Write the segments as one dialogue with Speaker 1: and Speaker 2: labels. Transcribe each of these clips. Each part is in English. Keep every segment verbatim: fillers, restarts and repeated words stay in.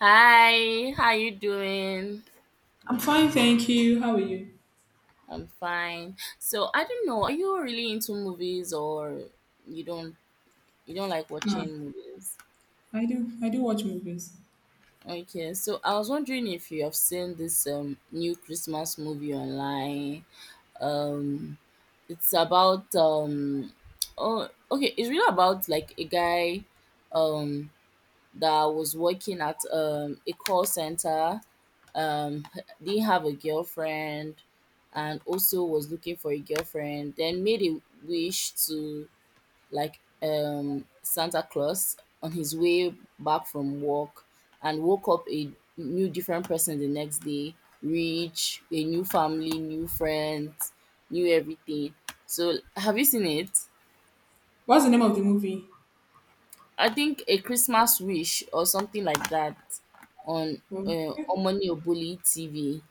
Speaker 1: Hi, how you doing?
Speaker 2: I'm fine, thank you. How are you?
Speaker 1: I'm fine. So I don't know, are you really into movies or you don't you don't like
Speaker 2: Ma,
Speaker 1: watching movies?
Speaker 2: I do. I do watch movies.
Speaker 1: Okay, so I was wondering if you have seen this um new Christmas movie online. Um it's about um oh okay, it's really about like a guy um that was working at um a call center, um didn't have a girlfriend, and also was looking for a girlfriend, then made a wish to like um Santa Claus on his way back from work, and woke up a new different person the next day. Rich, a new family, new friends, new everything. So have you seen it?
Speaker 2: What's the name of the movie?
Speaker 1: I think A Christmas Wish or something like that, on
Speaker 2: Well,
Speaker 1: uh, Omoni Oboli TV.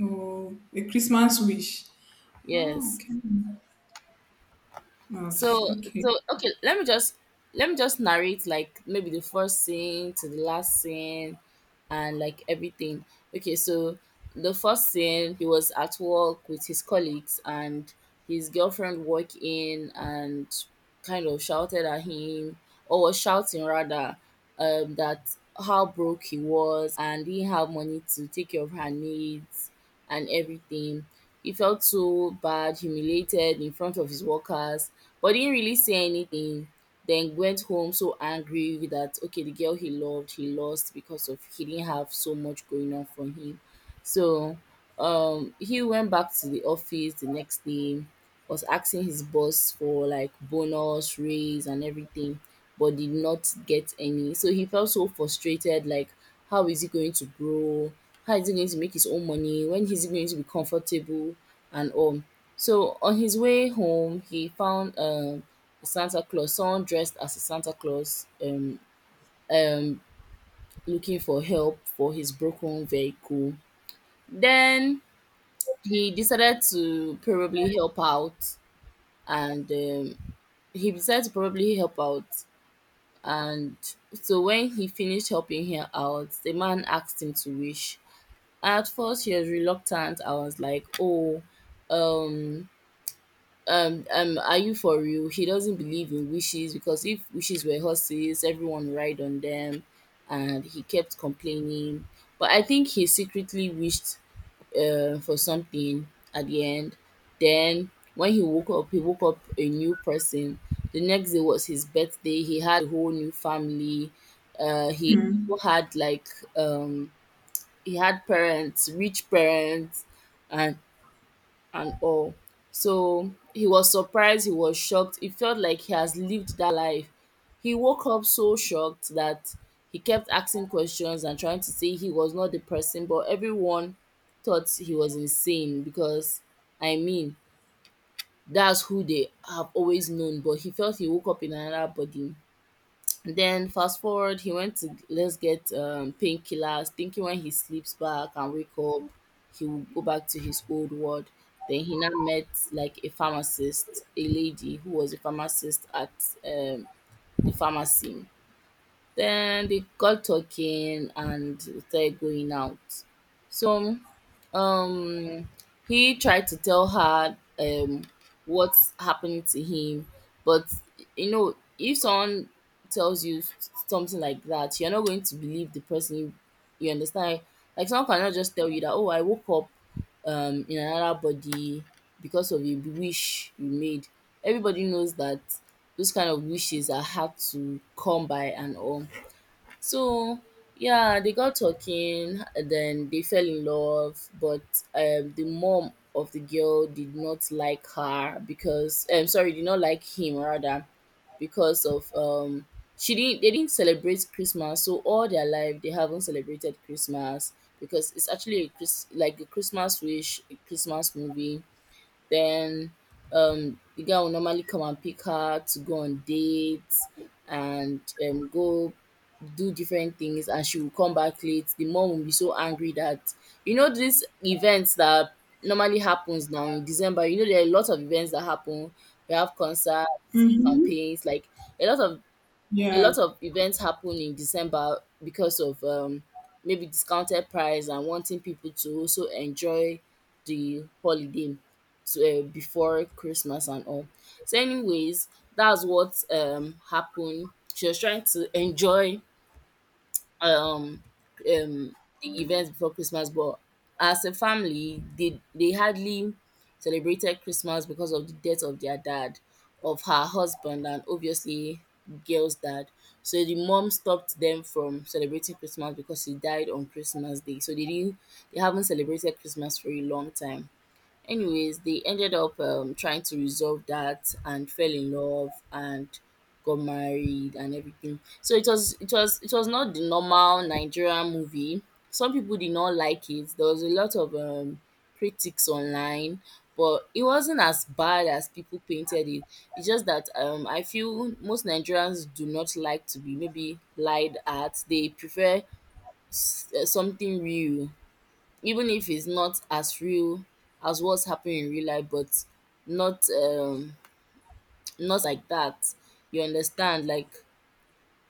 Speaker 2: oh, A Christmas Wish. Oh,
Speaker 1: Yes.
Speaker 2: okay. Oh,
Speaker 1: So
Speaker 2: okay.
Speaker 1: so okay, let me just let me just narrate like maybe the first scene to the last scene and like everything. Okay, so the first scene, he was at work with his colleagues, and his girlfriend walked in and kind of shouted at him, or was shouting rather, um that how broke he was and didn't have money to take care of her needs and everything. He felt so bad, humiliated in front of his workers, but didn't really say anything. Then went home so angry that okay, the girl he loved, he lost because of he didn't have so much going on for him. So um he went back to the office the next day, was asking his boss for like bonus, raise and everything, but did not get any. So he felt so frustrated, like how is he going to grow? How is he going to make his own money? When is he going to be comfortable and all? So on his way home, he found um, Santa Claus, someone dressed as a Santa Claus, um, um, looking for help for his broken vehicle. Then he decided to probably help out, and um, he decided to probably help out. And so when he finished helping her out, the man asked him to wish. At first, she was reluctant. I was like, "Oh, um, um um are you for real?" He doesn't believe in wishes, because if wishes were horses, everyone ride on them. And he kept complaining, but I think he secretly wished uh, for something at the end. Then when he woke up, he woke up a new person. The next day was his birthday. He had a whole new family. Uh he had like um he had parents, rich parents, and and all. So he was surprised, he was shocked. It felt like he has lived that life. He woke up so shocked that he kept asking questions and trying to say he was not the person, but everyone thought he was insane because, I mean, that's who they have always known. But he felt he woke up in another body. Then fast forward, he went to let's get um, painkillers, thinking when he sleeps back and wake up, he will go back to his old world. Then he now met like a pharmacist, a lady who was a pharmacist at um, the pharmacy. Then they got talking and started going out. So um he tried to tell her um what's happening to him, but you know, if someone tells you s- something like that, you're not going to believe the person, you, you understand. Like someone cannot just tell you that, oh, I woke up um in another body because of a wish you made. Everybody knows that those kind of wishes are hard to come by and all. So yeah, they got talking, and then they fell in love. But um, the mom of the girl did not like her because um, sorry, did not like him rather, because of um, she didn't they didn't celebrate Christmas. So all their life they haven't celebrated Christmas, because it's actually a Chris like a Christmas wish, a Christmas movie. Then um the guy will normally come and pick her to go on dates and um go do different things, and she will come back late. The mom will be so angry that you know these events that normally happens now in December, you know there are a lot of events that happen. We have concerts,
Speaker 2: Mm-hmm.
Speaker 1: campaigns, like a lot of a
Speaker 2: Yeah.
Speaker 1: lot of events happen in December because of um, maybe discounted price and wanting people to also enjoy the holiday to, uh, before Christmas and all. So, anyways, that's what um, happened. She was trying to enjoy um um the events before Christmas, but as a family, they they hardly celebrated Christmas because of the death of their dad, of her husband, and obviously girl's dad. So the mom stopped them from celebrating Christmas because he died on Christmas Day. So they didn't, they haven't celebrated Christmas for a long time. Anyways, they ended up um, trying to resolve that and fell in love and got married and everything. So it was it was it was not the normal Nigerian movie. Some people did not like it. There was a lot of um, critics online, but it wasn't as bad as people painted it. It's just that um, I feel most Nigerians do not like to be maybe lied at. They prefer s- uh, something real, even if it's not as real as what's happening in real life, but not um not like that. You understand? Like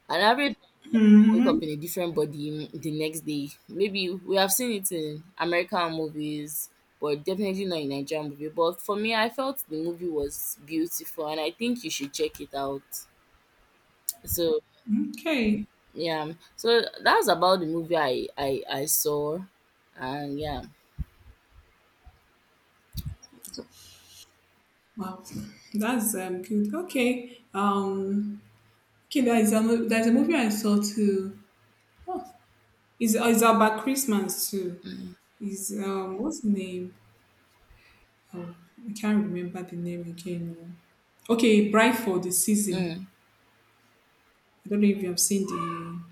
Speaker 1: an average man wake
Speaker 2: Mm-hmm.
Speaker 1: up in a different body the next day. Maybe we have seen it in American movies, but definitely not in Nigerian movie. But for me, I felt the movie was beautiful, and I think you should check it out. So
Speaker 2: Okay.
Speaker 1: yeah, so that's about the movie I I I saw, and yeah. So,
Speaker 2: Wow, that's um good. Okay. Um. Okay. There's a mo- there's a movie I saw too. Oh, is is about Christmas too. Is, um what's the name? Oh, I can't remember the name again. Oh. Okay, Bright for the Season.
Speaker 1: mm.
Speaker 2: I don't know if you have seen the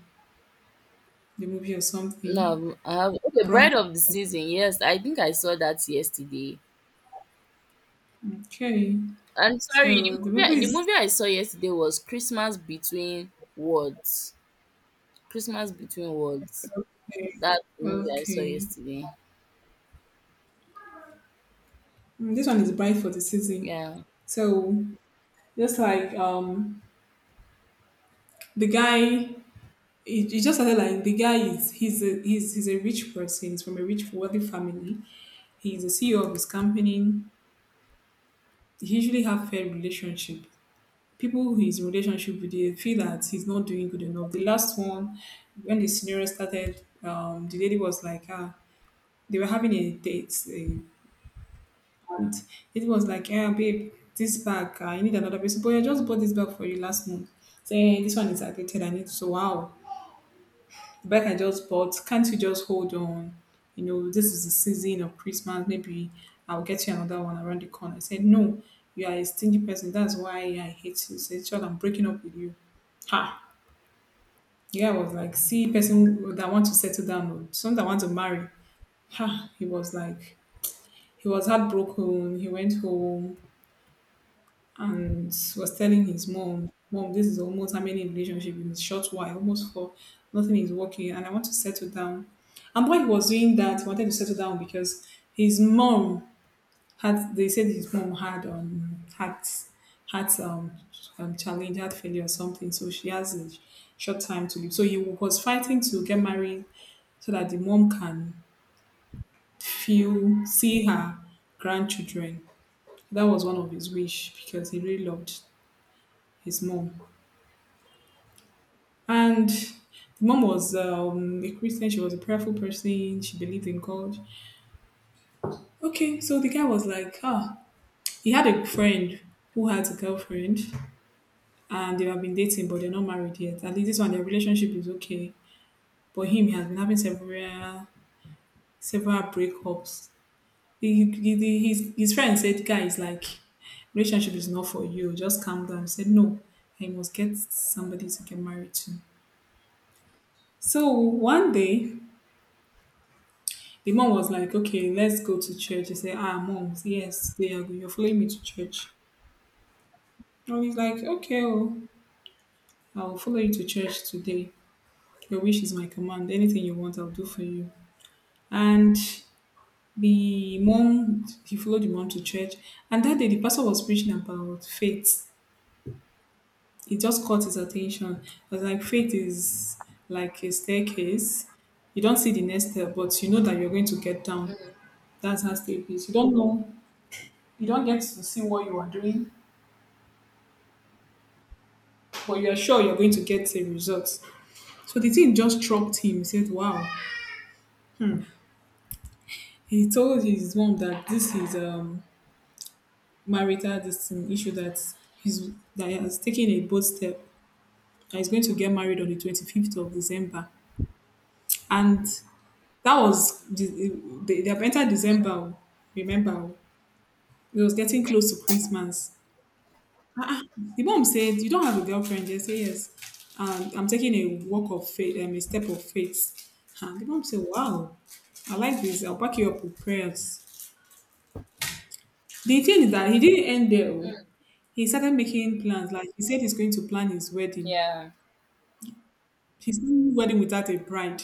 Speaker 2: the movie or something.
Speaker 1: No, I have okay, Bride
Speaker 2: Bright.
Speaker 1: of the Season. Yes, I think I saw that yesterday.
Speaker 2: Okay,
Speaker 1: I'm sorry,
Speaker 2: so
Speaker 1: the
Speaker 2: the movie
Speaker 1: movie the
Speaker 2: is
Speaker 1: movie I saw yesterday was Christmas Between Words. Christmas Between Words.
Speaker 2: okay.
Speaker 1: That's the movie I saw
Speaker 2: Okay,
Speaker 1: yesterday.
Speaker 2: Mm, this one is Bright for the Season.
Speaker 1: Yeah.
Speaker 2: So just like um the guy. It, it just started like the guy is he's a he's, he's a rich person. He's from a rich wealthy family. He's the C E O of his company. He usually have fair relationship, people who he's in relationship with, they feel that he's not doing good enough. The last one, when the scenario started, um, the lady was like, ah, they were having a date, eh, and it was like, yeah, babe, this bag, I need another person, but I just bought this bag for you last month. Say, "Hey, this one is outdated, I need so wow, the bag I just bought, can't you just hold on? You know, this is the season of Christmas. Maybe I'll get you another one around the corner." I said, "No, you are a stingy person. That's why I hate you." Said, child, I'm breaking up with you. Ha! Yeah, I was like, see, person that want to settle down, or someone that want to marry. Ha! He was like, he was heartbroken. He went home and was telling his mom, "Mom, this is almost how many relationship in a short while, almost four. Nothing is working, and I want to settle down." And why he was doing that, he wanted to settle down because his mom heart, they said his mom had um heart, heart um, um challenge, heart failure or something, so she has a short time to live, so he was fighting to get married so that the mom can feel, see her grandchildren. That was one of his wish because he really loved his mom. And the mom was, um, a Christian. She was a prayerful person, she believed in God. Okay, so the guy was like, ah, he had a friend who had a girlfriend, and they have been dating but they're not married yet. At least this one, their relationship is okay. But him, he has been having several several breakups. He, he, he- his, his friend said, "Guys, like, relationship is not for you. Just calm down." He said, "No, I must get somebody to get married to." So one day, the mom was like, "Okay, let's go to church." He said, "Ah, moms, yes, they are, you're following me to church." And he's like, "Okay, oh, I'll follow you to church today. Your wish is my command. Anything you want, I'll do for you." And the mom, he followed the mom to church, and that day the pastor was preaching about faith. It just caught his attention. I was like, faith is like a staircase. You don't see the next step, but you know that you're going to get down. That's how step is, you don't know, you don't get to see what you are doing, but you're sure you're going to get the results. So the thing just struck him. He said, wow. He told his mom that this is um marital, this thing, issue that he's that he has taken a bold step, and he's going to get married on the twenty-fifth of December. And that was, they, they have entered December, oh, remember, oh. It was getting close to Christmas. Ah, ah. The mom said, "You don't have a girlfriend?" I said, "Yes. And I'm taking a walk of faith, um, a step of faith." And the mom said, "Wow, I like this. I'll back you up with prayers." The thing is that he didn't end there.
Speaker 1: Mm,
Speaker 2: Oh. He started making plans. Like he said, he's going to plan his wedding.
Speaker 1: yeah.
Speaker 2: He's doing wedding without a bride.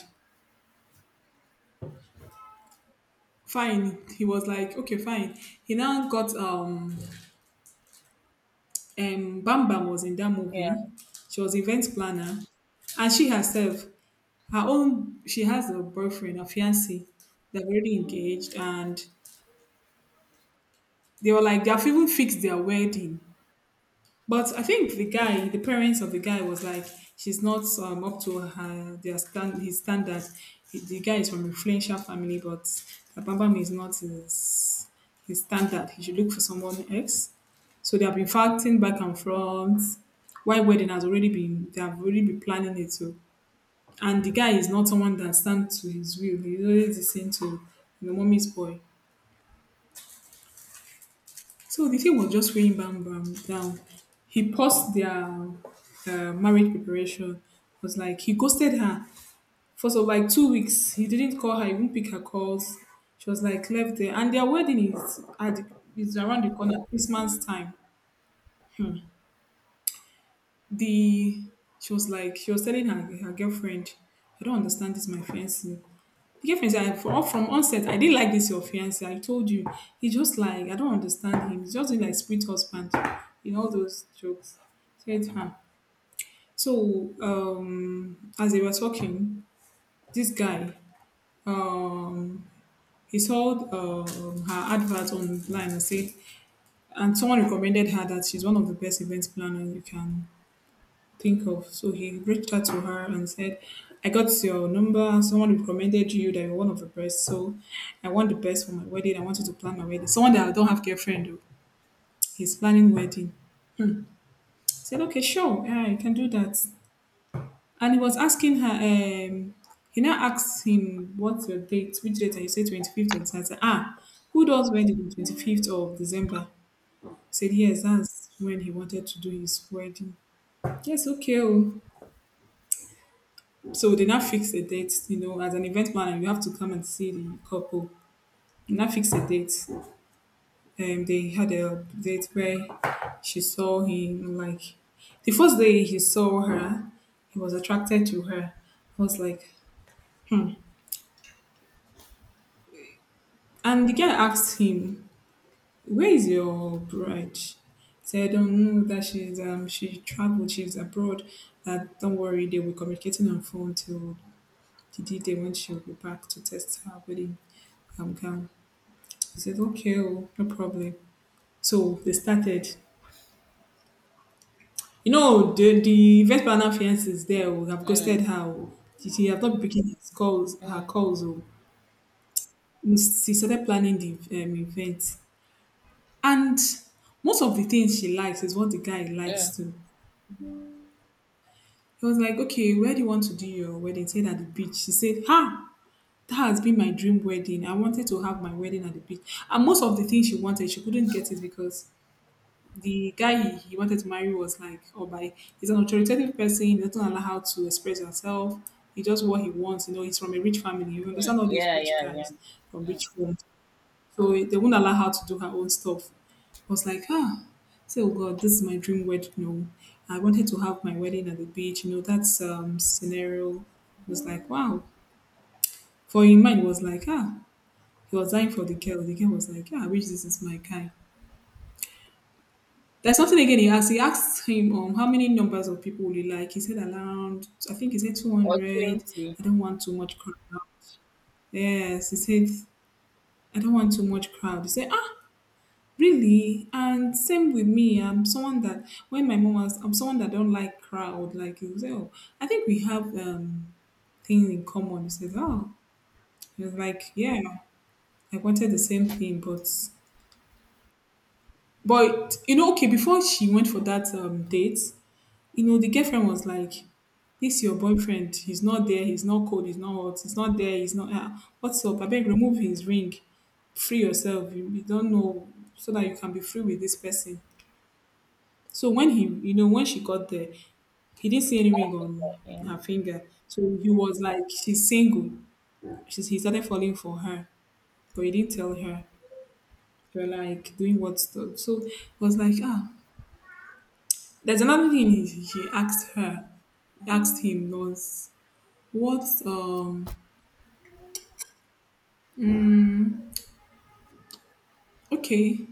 Speaker 2: Fine, he was like, okay, fine. He now got, um um Bam Bam was in that movie.
Speaker 1: Yeah.
Speaker 2: She was event planner, and she herself, her own she has a boyfriend, a fiance. They're already engaged, and they were like they've even fixed their wedding. But I think the guy, the parents of the guy was like, she's not, um, up to her their stand his standard. The the guy is from influential family, but the Abambam is not his, his standard. He should look for someone else. So they have been fighting back and forth. Why wedding has already been, they have already been planning it too. And the guy is not someone that stands to his will. He's always listening to you know mommy's boy. So the thing was just weighing Bam Bam down. He paused their uh, marriage preparation. Was like he ghosted her for so like two weeks. He didn't call her. He wouldn't pick her calls. She was like left there, and their wedding is at the, is around the corner. Christmas time. The She was like, she was telling her her girlfriend, "I don't understand this my fiancé." The girlfriend said, "I- for, from onset, I didn't like this your fiance. I told you. He just like, I don't understand him. He's just doing like split husband. You know, all those jokes." Said, huh. So, um, as they were talking, this guy, um, he saw, um, her advert online and said, and someone recommended her that she's one of the best event planners you can think of. So he reached out to her and said, "I got your number. Someone recommended you that you're one of the best. So I want the best for my wedding. I want you to plan my wedding." Someone that I don't have girlfriend though. He's planning wedding. I said, "Okay, sure. Yeah, you can do that." And he was asking her, um, he now asked him, "What's your date? Which date?" And he said, "twenty-fifth of December." Ah, who does wedding on twenty-fifth of December? Said, yes, that's when he wanted to do his wedding. Yes, okay. Oh. So they now fix a date, you know, as an event planner, you have to come and see the couple. They now fix a date. Um, they had a date where she saw him, like, the first day he saw her, he was attracted to her. I was like, and the guy asked him, "Where is your bride?" He said, "Don't know that she's, um, she traveled, she's abroad. That don't worry, they will communicating on phone till the D day when she'll be back to test her wedding, um, gown." She said, "Okay, oh, no problem." So they started. You know, the, the first partner fiance is there. We have ghosted her. Oh. She, she has not been picking his calls, her calls. Oh. She started planning the um, event. And most of the things she likes is what the guy likes too. He was like, "Okay, where do you want to do your wedding?" He said, "At the beach." She said, "Ha, that has been my dream wedding. I wanted to have my wedding at the beach." And most of the things she wanted, she couldn't get it because the guy, he, he wanted to marry was like, oh, by, he's an authoritative person. He doesn't allow her to express herself. He just what he wants. You know, he's from a rich family. You
Speaker 1: Mm,
Speaker 2: understand all these
Speaker 1: yeah,
Speaker 2: rich
Speaker 1: yeah, yeah.
Speaker 2: guys from
Speaker 1: Mm.
Speaker 2: rich homes, so they won't allow her to do her own stuff. I was like, ah, so God, this is my dream wedding. No, I wanted to have my wedding at the beach. You know, that's um scenario. It was like, wow. For in mind, it was like, ah, he was dying for the girl. The girl was like, yeah, I wish this is my kind. There's something again he asked. He asked him, um how many numbers of people would you like? He said around, I think he said two
Speaker 1: Or
Speaker 2: hundred.
Speaker 1: twenty.
Speaker 2: I don't want too much crowd. Yes, he said, I don't want too much crowd. He said, "Ah, really? And same with me. I'm someone that when my mom was I'm someone that don't like crowd." Like he said, "Oh, I think we have um things in common." He said, oh. He was like, yeah, I wanted the same thing. but but you know, okay, before she went for that um date, you know, the girlfriend was like, "This your boyfriend, he's not there, he's not cold, he's not hot, he's not there, he's not, ah, what's up?" I beg, remove his ring, free yourself, you, you don't know, so that you can be free with this person. So when he, you know, when she got there, he didn't see any ring on
Speaker 1: Yeah.
Speaker 2: her finger. So he was like, she's single. She's, he started falling for her, but he didn't tell her. They were like doing what stuff. So it was like, ah, there's another thing he, he asked her, asked him once. What's um okay?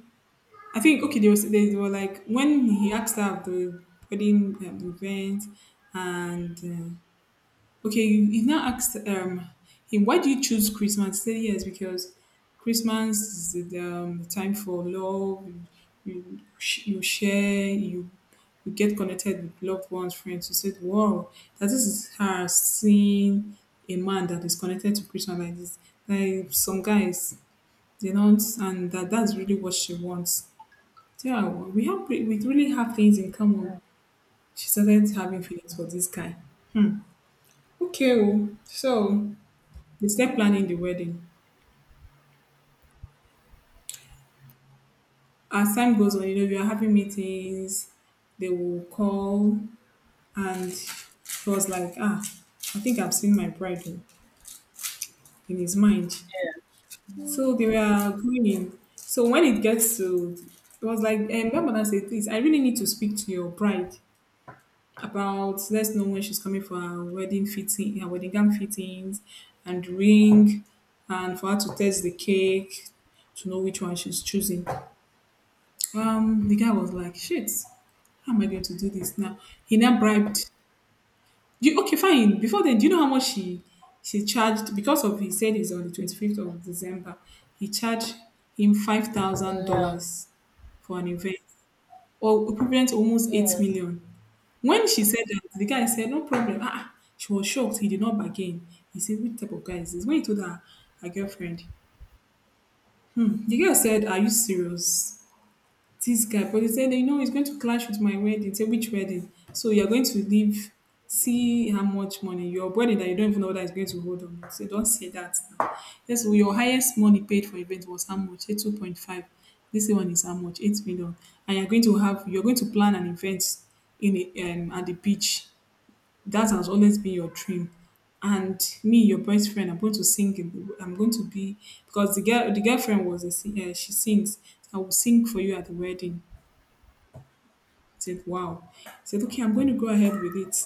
Speaker 2: I think okay. There was they were like when he asked her of the wedding um, event, and uh, okay, he now asked um him, why do you choose Christmas? He said yes, because Christmas is the, um, the time for love. You you, sh- you share you. You get connected with loved ones, friends. You said, "Wow, that this is her seeing a man that is connected to Christian like this." Like some guys, you know, and that that's really what she wants. So yeah, we have we really have things in common. She started having feelings for this guy. Hmm. Okay, oh, so they start planning the wedding. As time goes on, you know, we are having meetings. They will call, and he was like, ah, I think I've seen my bride oh, in his mind. So they were going. So when it gets to, it was like, and my mother said, please, I really need to speak to your bride about let's know when she's coming for her wedding fitting, her wedding gown fittings, and ring, and for her to test the cake to know which one she's choosing. Um, the guy was like, "Shit, how am I going to do this now?" He now bribed. You, okay, fine. Before then, do you know how much she she charged? Because of he said he's on the twenty fifth of December. He charged him five thousand
Speaker 1: Mm, yeah.
Speaker 2: dollars for an event, or equivalent to almost eight
Speaker 1: Yes.
Speaker 2: million. When she said that, the guy said, no problem. Ah, ah." she was shocked. He did not bargain. He said, which type of guy is this? When he told her, her girlfriend, hmm, the girl said, are you serious? This guy, but he said, you know, it's going to clash with my wedding. Say, which wedding? So you're going to leave, see how much money your wedding that you don't even know whether it's going to hold or not. So don't say that now. Yes, well, your highest money paid for event was how much? Say two point five. This one is how much? eight million. And you're going to have, you're going to plan an event in a, um, at the beach. That has always been your dream. And me, your best friend, I'm going to sing. In I'm going to be, because the girl, the girlfriend was a singer. She sings. I will sing for you at the wedding. Said, wow. He said, okay, I'm going to go ahead with it.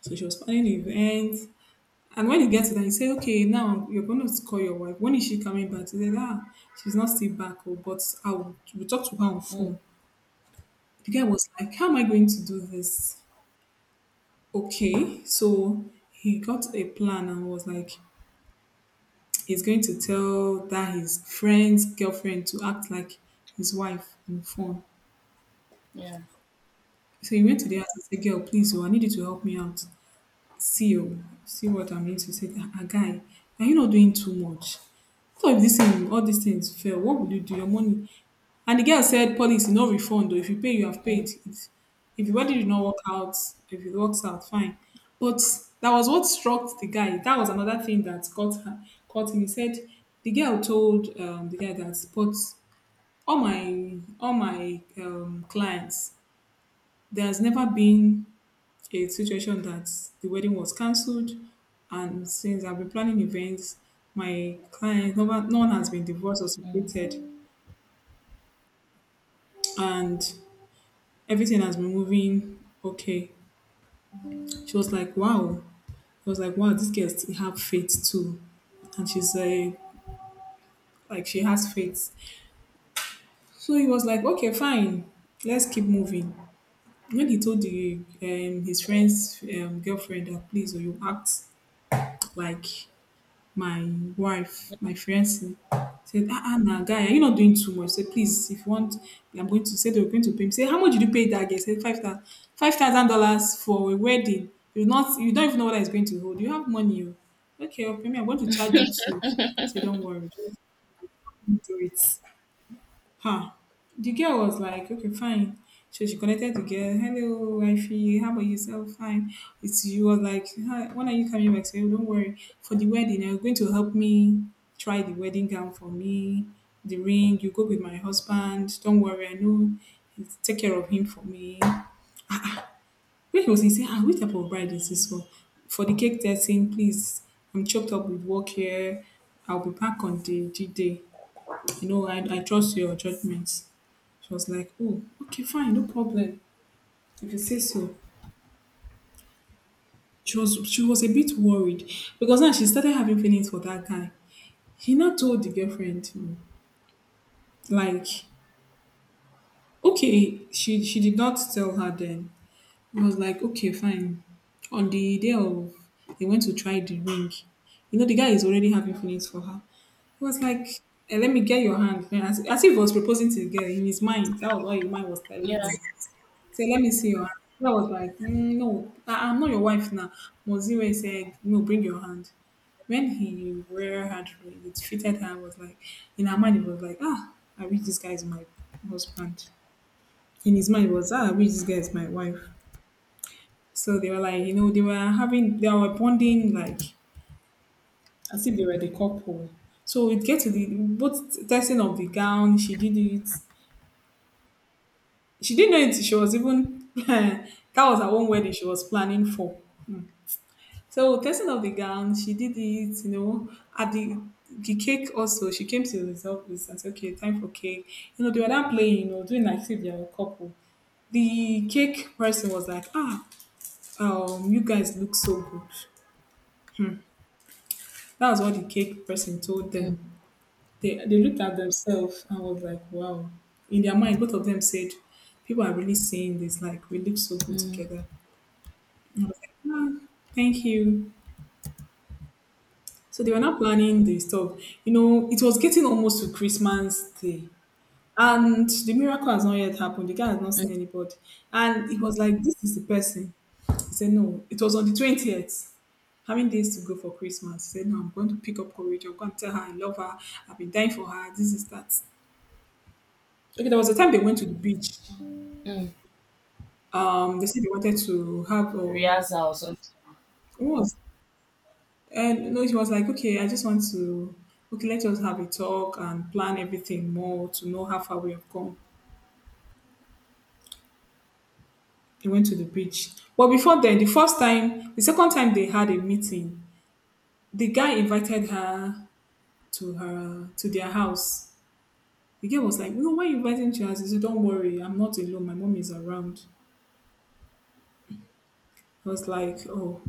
Speaker 2: So she was planning an event. And when he gets to that, he said, okay, now you're going to call your wife. When is she coming back? He said, ah, she's not still back, oh, but I will we'll talk to her on
Speaker 1: Mm,
Speaker 2: phone. The guy was like, how am I going to do this? Okay. So he got a plan and was like, he's going to tell that his friend's girlfriend to act like his wife on phone.
Speaker 1: yeah.
Speaker 2: So he went to the house and said, girl, please, oh, I need you to help me out. See oh, see what I'm going to say. Ah ah, guy, are you not doing too much? So if this thing, all these things fail? What will you do? Your money. And the girl said, policy no refund. Though. If you pay, you have
Speaker 1: Mm,
Speaker 2: paid. If, if the wedding did not work out, if it works out, fine. But that was what struck the guy. That was another thing that caught her, caught him. He said, the girl told um, the guy that, but all my all my um, clients, there has never been a situation that the wedding was cancelled, and since I've been planning events, my client no one, no one has been divorced or
Speaker 1: mm.
Speaker 2: separated, and everything has been moving okay. She was like, wow. I was like, wow, this girl still have faith too. And she's like like she has faith. So he was like, okay, fine, let's keep moving. When he told the um, his friend's um, girlfriend that please or you act like my wife, my fiance, said, ah, ah, nah, guy, are you not doing too much? Say, please, if you want, I'm going to say they were going to pay me. Say, how much did you pay that guy? Say, five thousand, five thousand dollars for a wedding. You not, you don't even know what it's going to hold. You have money, oh. Okay? I'll pay me. I'm going to charge you too. Say, don't worry, just do it. Huh. The girl was like, okay, fine. So she connected to girl. Hello, wifey. How about yourself? Fine. It's you was like, "Hi, when are you coming back? So don't worry. For the wedding, you're going to help me try the wedding gown for me, the ring. You go with my husband. Don't worry. I know. He's take care of him for me. Which was he saying, ah, which type of bride is this for? For the cake testing, please. I'm choked up with work here. I'll be back on the G day. You know, I, I trust your judgment. She was like, "Oh, okay, fine, no problem. If you say so." She was she was a bit worried because now she started having feelings for that guy. He now told the girlfriend, mm, like, okay, she she did not tell her then. He was like, okay, fine. On the day of they went to try the ring, you know, the guy is already having feelings for her. He was like, eh, let me get your hand. Then As, as if he was proposing to the girl in his mind. That was what his mind was telling
Speaker 1: Yeah.
Speaker 2: him. Say, "Let me see your hand." I was like, "Mm, no, I- I'm not your wife now. Moziwe said, no, bring your hand. When he rear hand, really, it fitted her, I was like, in her mind, it was like, ah, I wish this guy is my husband. In his mind, it was, ah, I wish this guy is my wife. So they were like, you know, they were having, they were bonding like as if they were the couple. So it get to the both testing of the gown. She did it. She didn't know it. She was even that was her own wedding she was planning for. Hmm. So testing of the gown, she did it, you know, at the the cake also, she came to the result and said, okay, time for cake. You know, they were not playing, you know, doing like if they were a couple. The cake person was like, ah, um, you guys look so good. That was what the cake person told them. They, they looked at themselves and was like, wow. In their mind, both of them said, people are really saying this, like, we look so good
Speaker 1: Mm,
Speaker 2: together. And I was like, ah, thank you. So they were now planning the stuff. You know, it was getting almost to Christmas Day. And the miracle has not yet happened. The guy has not
Speaker 1: mm,
Speaker 2: seen anybody. And it was like, this is the person. He said, no, it was on the twentieth. Having days to go for Christmas. He said, no, I'm going to pick up courage. I'm going to tell her I love her. I've been dying for her. This is that. Okay, there was a time they went to the beach.
Speaker 1: mm.
Speaker 2: Um, they said they wanted to have, um,
Speaker 1: Riaza or something.
Speaker 2: what was. And no, it was like, okay, I just want to, okay, let us have a talk and plan everything more to know how far we have come. They went to the beach. But before then, the first time, the second time they had a meeting, the guy invited her to her, to their house. The girl was like, no, why you inviting me to your house? He said, don't worry, I'm not alone. My mom is around. I was like, oh.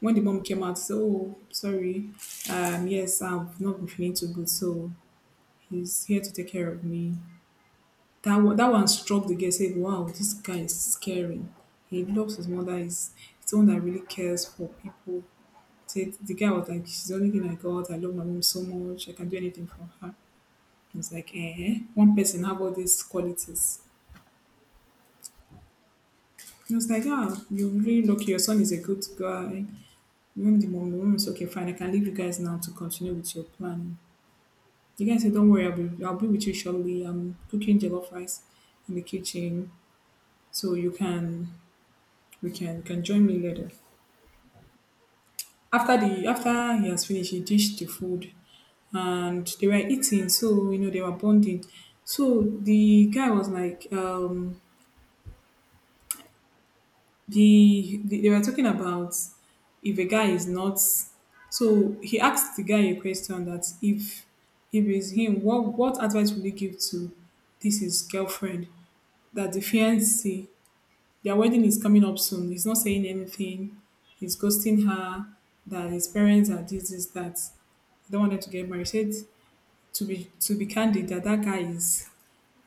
Speaker 2: When the mom came out, she said, oh, sorry. Um, yes, I've not been feeling too good. So he's here to take care of me. That one, that one struck the girl. Said, "Wow, this guy is caring. He loves his mother. He's, he's the one that really cares for people." Said the guy was like, "She's the only thing I got. I love my mom so much. I can do anything for her." He was like, "Eh, one person have all these qualities." He was like, "Ah, you're really lucky. Your son is a good guy." Even the mom, the mom is okay. Fine, I can leave you guys now to continue with your plan. The guy said, "Don't worry, I'll be, I'll be with you shortly. I'm cooking jollof rice in the kitchen, so you can We can you can join me later." After the after he has finished, he dished the food, and they were eating. So you know they were bonding. So the guy was like, um, the, the they were talking about if a guy is not. So he asked the guy a question that if if it's him, what what advice would he give to this his girlfriend, that the fiance, their wedding is coming up soon. He's not saying anything. He's ghosting her. That his parents are this, this, that. They don't want them to get married. He said, to be to be candid, that that guy is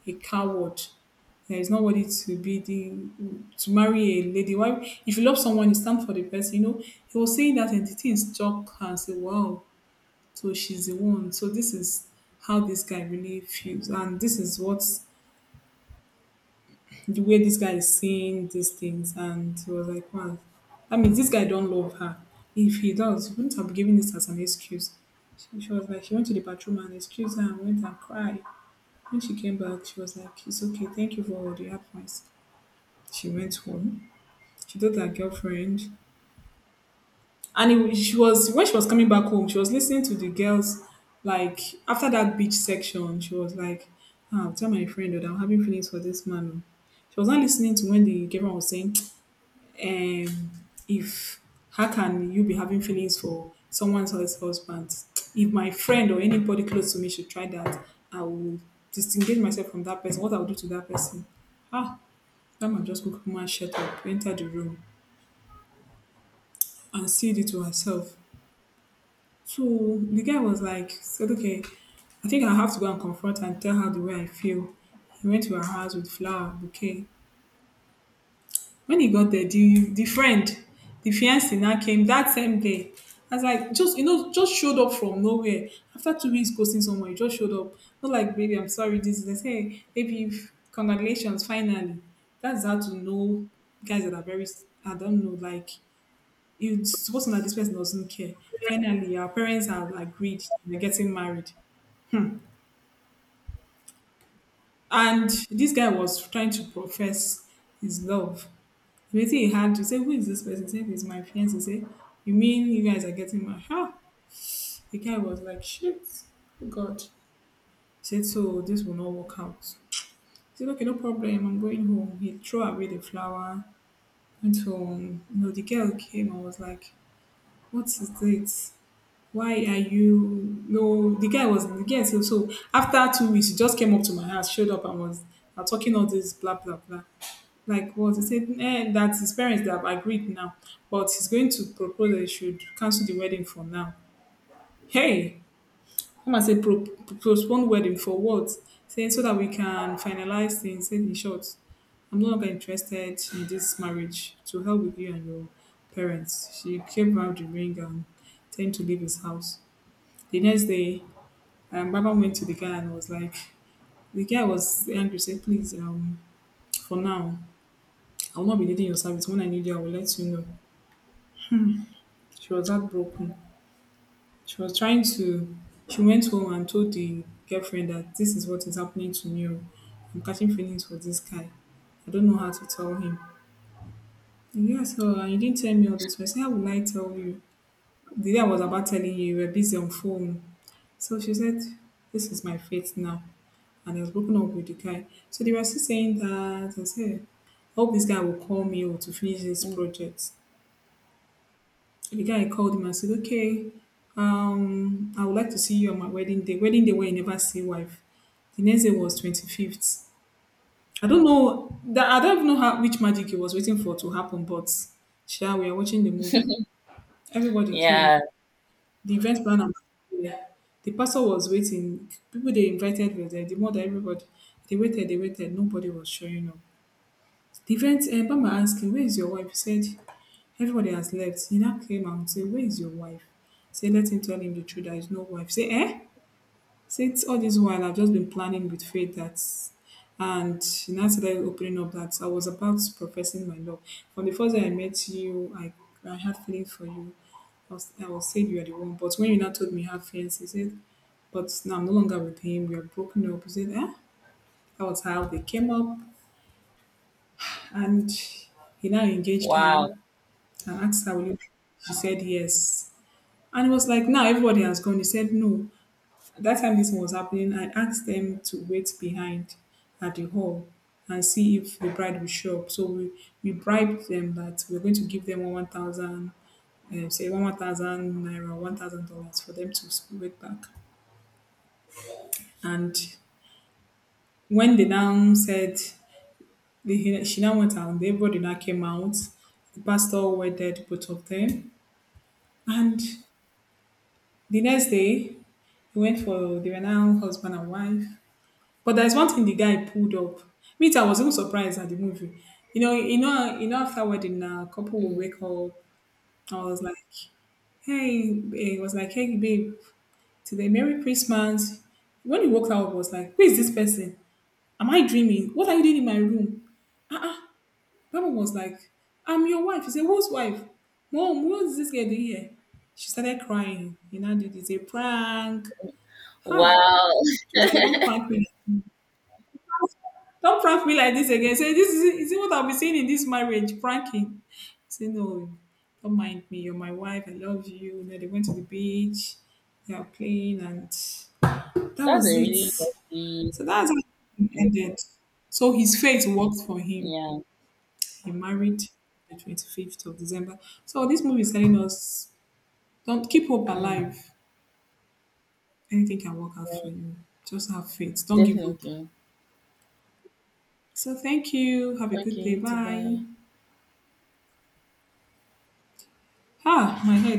Speaker 2: a coward. That he's not worthy to be the to marry a lady. Why? If you love someone, you stand for the person. You know. He was saying that, and the thing struck her, and said, "Wow, so she's the one." So this is how this guy really feels, and this is what, the way this guy is saying these things, and he was like, wow, that means this guy don't love her. If he does, he wouldn't have given this as an excuse. She, she was like, she went to the bathroom and excused her and went and cried. When she came back, she was like, it's okay, thank you for all the advice. She went home, she told her girlfriend, and it, she was, when she was coming back home, she was listening to the girls like, after that beach section she was like, "Ah, I'll tell my friend that I'm having feelings for this man oh." She was not listening to when the girlfriend was saying, um, if, how can you be having feelings for someone else's husband? If my friend or anybody close to me should try that, I will disengage myself from that person. What I will do to that person? Ah, that man just go come and shut up, enter the room, and said it to herself. So the guy was like, said, okay, I think I have to go and confront her and tell her the way I feel. He went to her house with flower bouquet. When he got there, the the friend, the fiance, now came that same day. I was like, just you know, just showed up from nowhere. After two weeks ghosting someone, you just showed up. Not like, baby, I'm sorry, this is this. Hey, baby, f- congratulations, finally. That's how to know guys that are very, I don't know, like you, it's supposed to know that this person doesn't care. Finally, our parents have agreed they're getting married. And this guy was trying to profess his love. Wetin he had to say, who is this person? He said, it's my fiance. He say, you mean you guys are getting married? Ah, the guy was like, shit, oh God. He said, so this will not work out. He said, okay, no problem. I'm going home. He threw away the flower, went home. You know, the girl came and was like, what is this? Why are you, no, the guy was the guy so so after two weeks he just came up to my house, showed up and was uh, talking all this blah blah blah, like, what he said, eh, that his parents they have agreed now, but he's going to propose that he should cancel the wedding for now. Hey, come and say pro- pro- postpone wedding for what, saying so that we can finalize things, saying in short, I'm no longer interested in this marriage, to hell with you and your parents. She came out the ring and tend to leave his house. The next day, um, Baba went to the guy and was like, the guy was angry, said, please, um, for now, I will not be needing your service. When I need you, I will let you know. She was heartbroken. She was trying to, she went home and told the girlfriend that this is what is happening to me, oh. I'm catching feelings for this guy. I don't know how to tell him. And yes, so and you didn't tell me all this. I said, how will I tell you? The day I was about telling you, you were busy on phone. So she said, this is my fate now. And has broken up with the guy. So they were still saying that. I said, I hope this guy will call me or to finish this
Speaker 1: Mm.
Speaker 2: project. And the guy called him and said, okay, um, I would like to see you on my wedding day. Wedding day where you never see wife. The next day was twenty-fifth. I don't know that, I don't even know how, which magic he was waiting for to happen, but sure, we are watching the movie. Everybody came.
Speaker 1: Yeah.
Speaker 2: The event planner, yeah. The pastor was waiting. People they invited were there. The mother, everybody. They waited, they waited. Nobody was showing up. The event, uh, Bama asked him, where is your wife? He said, everybody has left. He now came out and said, where is your wife? Say, let him tell him the truth. There is no wife. Say, eh? Since all this while, I've just been planning with faith that, and she now started opening up that I was about professing my love. From the first day I met you, I, I had feelings for you. I was, I was said you are the one, but when you now told me you have feelings, you said, but now I'm no longer with him. We are broken up. You said, eh? That was how they came up, and he now engaged her
Speaker 1: Wow.
Speaker 2: and asked her, will you? She said yes, and it was like now everybody has gone. He said no, that time this was happening, I asked them to wait behind at the hall and see if the bride would show up. So we, we bribed them that we're going to give them one thousand, uh, say one thousand naira, one thousand dollars for them to s- wait back. And when they now said they, she now went out, everybody now came out. The pastor wedded both of
Speaker 1: Mm,
Speaker 2: them, and the next day they went for, they were now husband and wife. But there's one thing the guy pulled up. Me too, I was even surprised at the movie. You know, you know, you know. After wedding, a couple will
Speaker 1: mm.
Speaker 2: wake up. I was like, "Hey, eh," it was like, "Hey, babe, today, Merry Christmas." When he woke up, I was like, "Who is this person? Am I dreaming? What are you doing in my room?" That one was like, "I'm your wife." He said, "Whose wife? Mom, what is this girl doing here?" She started crying. You know, did, it's a prank. Ha!
Speaker 1: Wow,
Speaker 2: She was like, "Don't prank me. Don't prank me like this again. Say this is is it what I'll be seeing in this marriage, pranking." Say no, don't mind me. You're my wife. I love you. You know, they went to the beach, they are playing, and that
Speaker 1: that's a
Speaker 2: was it.
Speaker 1: really
Speaker 2: So
Speaker 1: lovely
Speaker 2: that's how it
Speaker 1: move.
Speaker 2: ended. So his fate worked for him.
Speaker 1: Yeah,
Speaker 2: He married the twenty-fifth of December. So this movie is telling us, don't keep hope
Speaker 1: mm,
Speaker 2: alive. Anything can work out for you. Just have faith. Don't give up.
Speaker 1: definitely.
Speaker 2: So thank you. Have a
Speaker 1: Okay,
Speaker 2: good day.
Speaker 1: you to
Speaker 2: Bye.
Speaker 1: buy.
Speaker 2: Ah, my head.